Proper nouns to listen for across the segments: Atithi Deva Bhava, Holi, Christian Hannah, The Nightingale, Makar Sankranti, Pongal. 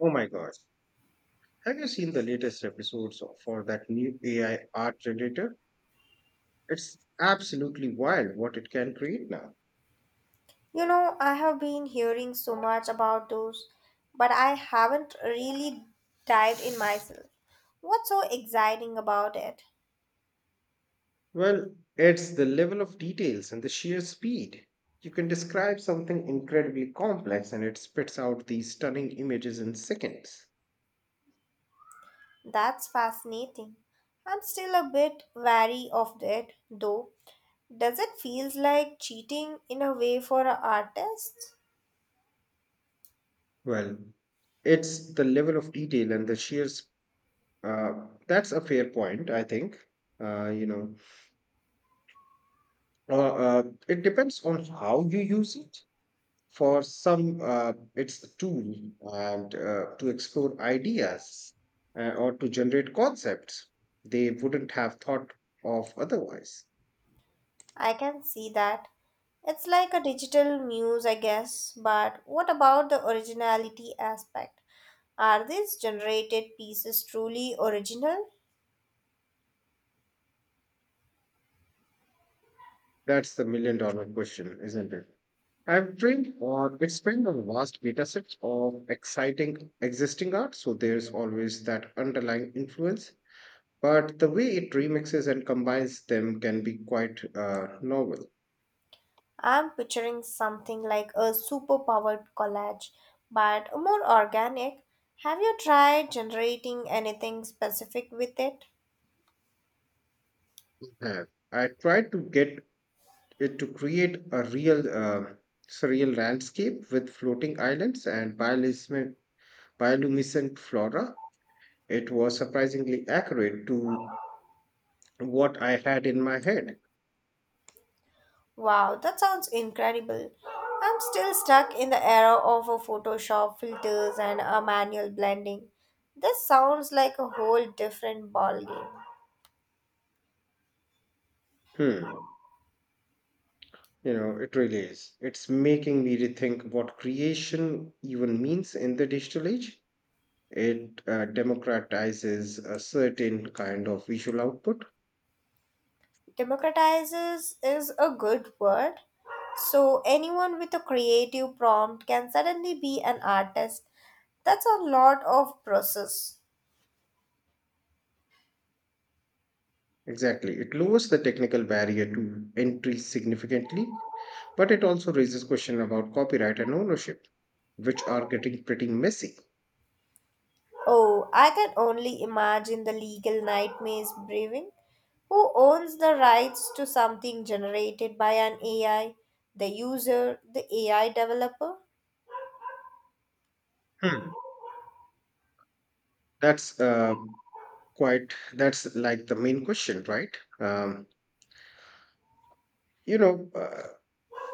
Oh my gosh. Have you seen the latest for that new AI art generator? It's absolutely wild what it can create now. You know, I have been hearing so much about those, but I haven't really dived in myself. What's so exciting about it? Well, it's the level of details and the sheer speed. You can describe something incredibly complex and it spits out these stunning images in seconds. That's fascinating. I'm still a bit wary of it, though. Does it feel like cheating in a way for an artist? Well, it's the level of detail and the sheer s- that's a fair point. I think, uh, you know it depends on how you use it. For some, it's a tool and, to explore ideas, or to generate concepts they wouldn't have thought of otherwise. I can see that. It's like a digital muse, I guess, but what about the originality aspect? Are these generated pieces truly original? That's the million-dollar question, isn't it? I've trained or it's trained on vast data sets of exciting existing art, so there's always that underlying influence. But the way it remixes and combines them can be quite novel. I'm picturing something like a superpowered collage, but more organic. Have you tried generating anything specific with it? Uh, I tried to get it to create a real surreal landscape with floating islands and bioluminescent flora. It was surprisingly accurate to what I had in my head. Wow, that sounds incredible. I'm still stuck in the era of a Photoshop filters and a manual blending. This sounds like a whole different ballgame. Hmm. You know, it really is. It's making me rethink what creation even means in the digital age. It democratizes a certain kind of visual output. Democratizes is a good word. So, anyone with a creative prompt can suddenly be an artist. That's a lot of process. Exactly. It lowers the technical barrier to entry significantly, but it also raises questions about copyright and ownership, which are getting pretty messy. Oh, I can only imagine the legal nightmares brewing. Who owns the rights to something generated by an AI? The user, the AI developer? Hmm. That's uh, that's like the main question, right? You know, uh,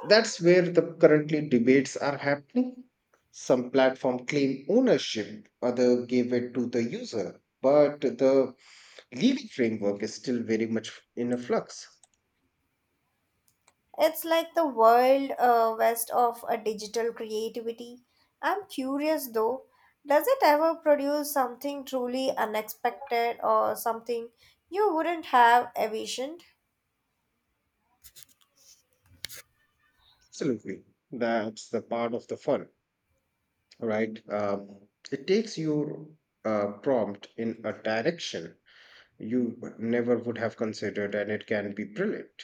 That's where the currently debates are happening. Some platform claim ownership, other give it to the user, but the legal framework is still very much in a flux. It's like the world west of a digital creativity. I'm curious though, does it ever produce something truly unexpected or something you wouldn't have envisioned? Absolutely, that's the part of the fun, right? It takes your prompt in a direction you never would have considered, and it can be brilliant.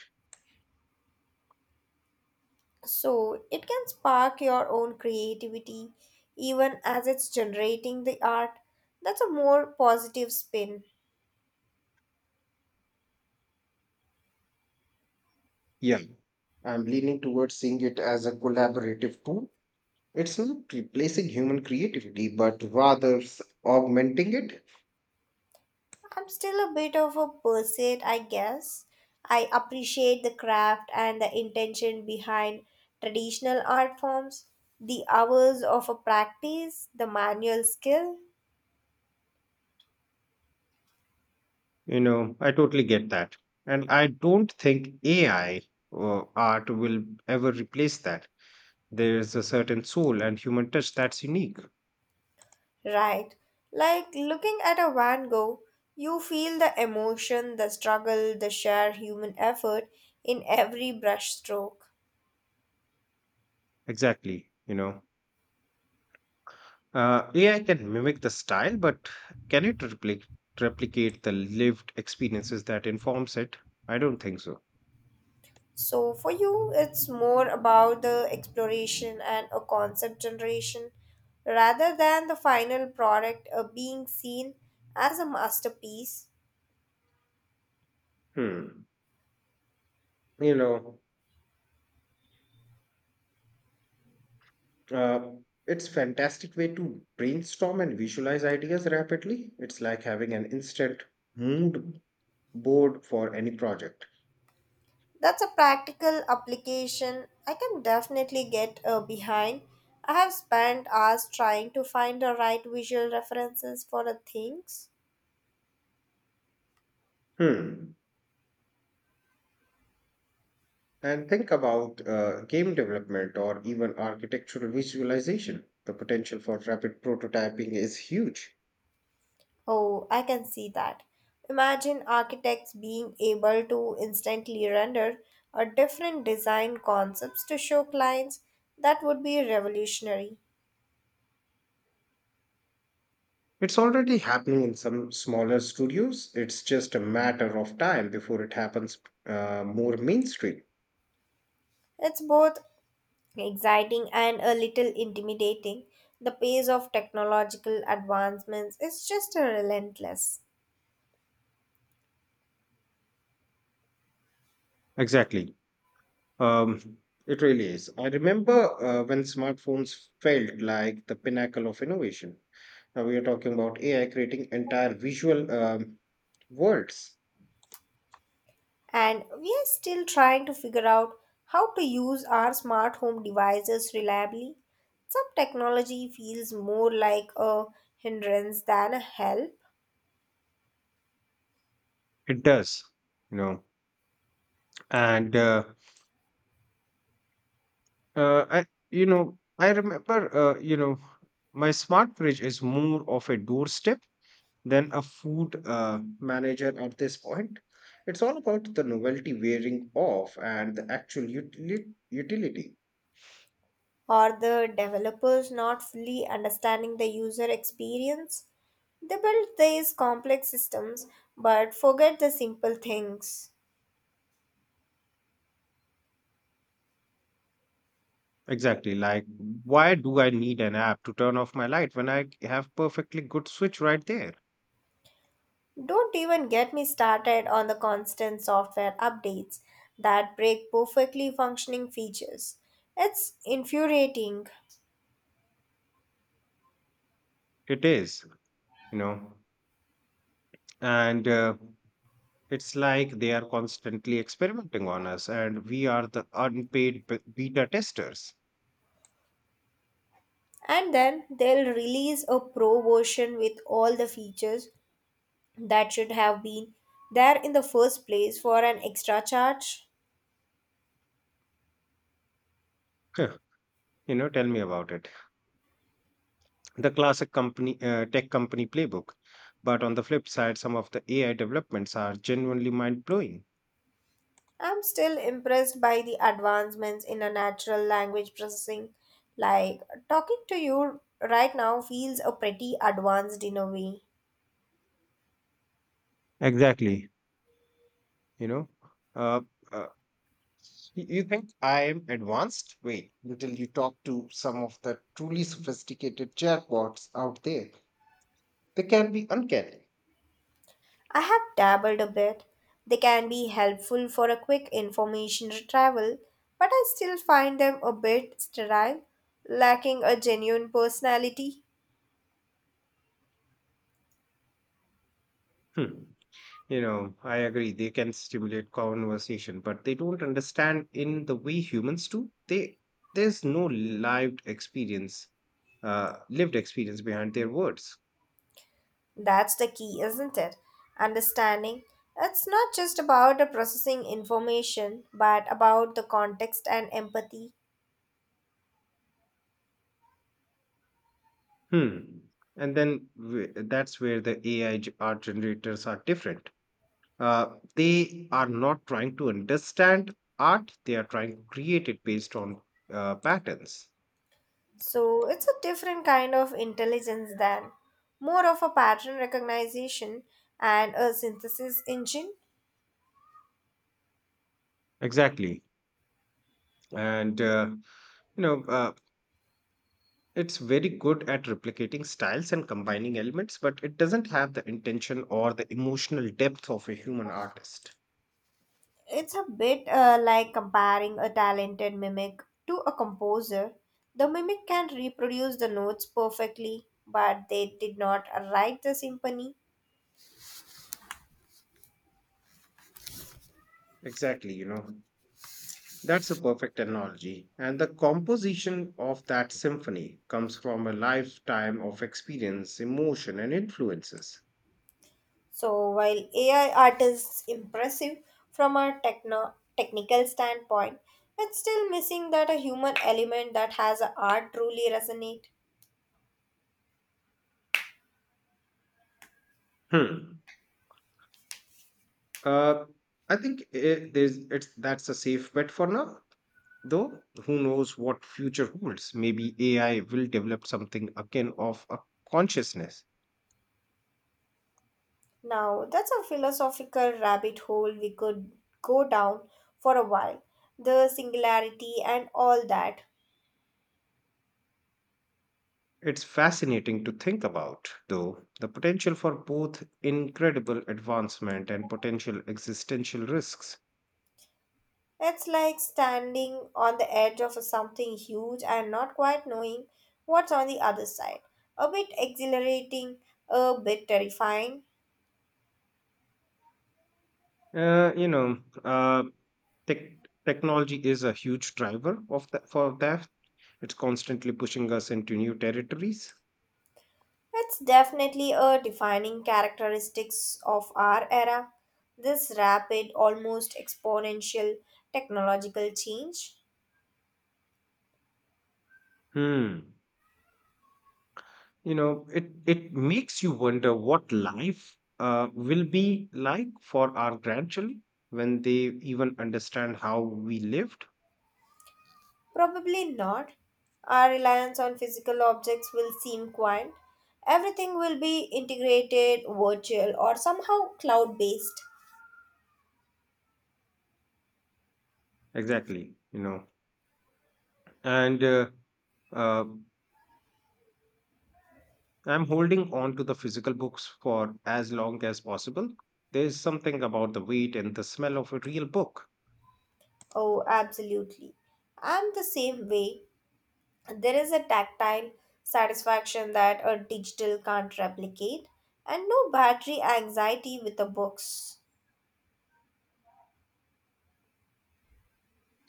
So it can spark your own creativity even as it's generating the art. That's a more positive spin. Yeah, I'm leaning towards seeing it as a collaborative tool. It's not replacing human creativity, but augmenting it. I'm still a bit of a pursuit, I guess. I appreciate the craft and the intention behind traditional art forms, the hours of a practice, the manual skill, You know, I totally get that. And I don't think AI or art will ever replace that. There's a certain soul and human touch that's unique. right? Like looking at a Van Gogh, you feel the emotion, the struggle, the sheer human effort in every brushstroke. Exactly. You know, AI can mimic the style, but can it repli- replicate the lived experiences that informs it? I don't think so. So for you, it's more about the exploration and a concept generation rather than the final product being seen as a masterpiece. Hmm. You know, uh, it's fantastic way to brainstorm and visualize ideas rapidly. It's like having an instant mood board for any project. That's a practical application I can definitely get behind. I have spent hours trying to find the right visual references for the things. Hmm. And think about game development or even architectural visualization. The potential for rapid prototyping is huge. Oh, I can see that. Imagine architects being able to instantly render a different design concepts to show clients. That would be revolutionary. It's already happening in some smaller studios. It's just a matter of time before it happens more mainstream. It's both exciting and a little intimidating. The pace of technological advancements is just relentless. Exactly. Um, it really is. I remember when smartphones felt like the pinnacle of innovation. Now we are talking about AI creating entire visual worlds. And we are still trying to figure out how to use our smart home devices reliably. Some technology feels more like a hindrance than a help, It does. You know. And I, you know I remember you know my smart fridge is more of a doorstep than a food, manager at this point. It's all about the novelty wearing off and utility. or the developers not fully understanding the user experience. They build these complex systems but forget the simple things. Exactly. Like, why do I need an app to turn off my light when I have perfectly good switch right there? Don't even get me started on the constant software updates that break perfectly functioning features. It's infuriating. It is, you know. And It's like they are constantly experimenting on us, and we are beta testers. And then they'll release a pro version with all the features that should have been there in the first place for an extra charge. Huh, You know, tell me about it. The classic tech company playbook. But on the flip side, some of the AI developments are genuinely mind blowing. I'm still impressed by the advancements in a natural language processing. Like talking to you right now feels a pretty advanced in a way. Exactly. You know, uh, uh, You think I am advanced? Wait, until you talk to some of the truly sophisticated chatbots out there. They can be uncanny. I have dabbled a bit. They can be helpful for a quick information travel, but I still find them a bit sterile, lacking a genuine personality. Hmm. You know, I agree. They can stimulate conversation, but they don't understand in the way humans do. They There's no lived experience, lived experience behind their words. That's the key, isn't it? Understanding it's not just about the processing information, but about the context and empathy. Hmm. And then that's where the AI art generators are different. They are not trying to understand art, they are trying to create it based on patterns. So it's a different kind of intelligence than more of a pattern recognition and a synthesis engine. Exactly. And, uh, you know, uh, it's very good at replicating styles and combining elements, but it doesn't have the intention or the emotional depth of a human artist. It's a bit like comparing a talented mimic to a composer. The mimic can reproduce the notes perfectly, but they did not write the symphony. Exactly, you know. That's a perfect analogy. And the composition of that symphony comes from a lifetime of experience, emotion, and influences. So while AI art is impressive from a technical standpoint, it's still missing that a human element that has a art truly resonate. Hmm. Uh, I think it, there's it's That's a safe bet for now. Though who knows what future holds? Maybe AI will develop something akin of a consciousness. Now that's a philosophical rabbit hole we could go down for a while. The singularity and all that. It's fascinating to think about, though, the potential for both incredible advancement and potential existential risks. It's like standing on the edge of something huge and not quite knowing what's on the other side. A bit exhilarating, a bit terrifying. Uh, you know, uh, tech Technology is a huge driver of that for that. It's constantly pushing us into new territories. It's definitely a defining characteristics of our era, this rapid, almost exponential technological change. Hmm. You know, it makes you wonder what life will be like for our grandchildren when they even understand how we lived. Probably not. Our reliance on physical objects will seem quaint. Everything will be integrated, virtual, or somehow cloud based. Exactly. You know, and uh, I'm holding on to the physical books for as long as possible. There is something about the weight and the smell of a real book. Oh, absolutely. I'm the same way. There is a tactile satisfaction that a digital can't replicate, and no battery anxiety with the books.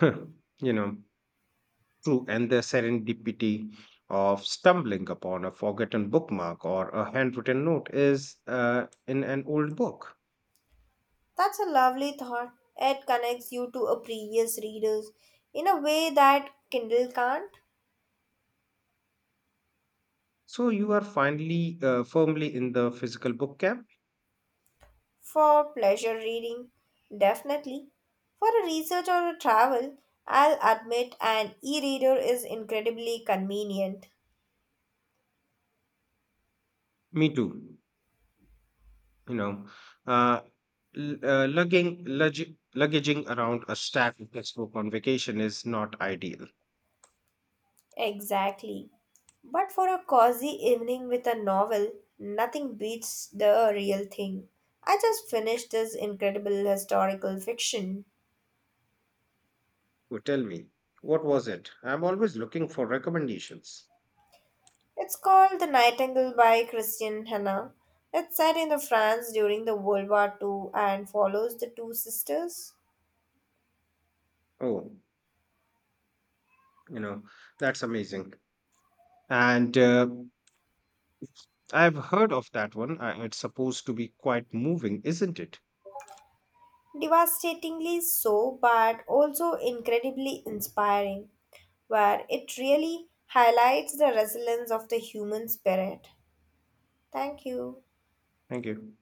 Huh, you know, true, and the serendipity of stumbling upon a forgotten bookmark or a handwritten note is, in an old book. That's a lovely thought. It connects you to a previous readers in a way that Kindle can't. So you are finally firmly in the physical book camp. For pleasure reading, definitely. For a research or a travel, I'll admit an e reader is incredibly convenient. Me too. You know, uh, luggaging around a stack of textbook on vacation is not ideal. Exactly. But for a cozy evening with a novel, nothing beats the real thing. I just finished this incredible historical fiction. So tell me, what was it? I'm always looking for recommendations. It's called The Nightingale by Christian Hannah. It's set in the France during the World War Two and follows the two sisters. Oh, you know, that's amazing. And I've heard of that one. It's supposed to be quite moving, isn't it? Devastatingly so, but also incredibly inspiring, where it really highlights the resilience of the human spirit. Thank you. Thank you.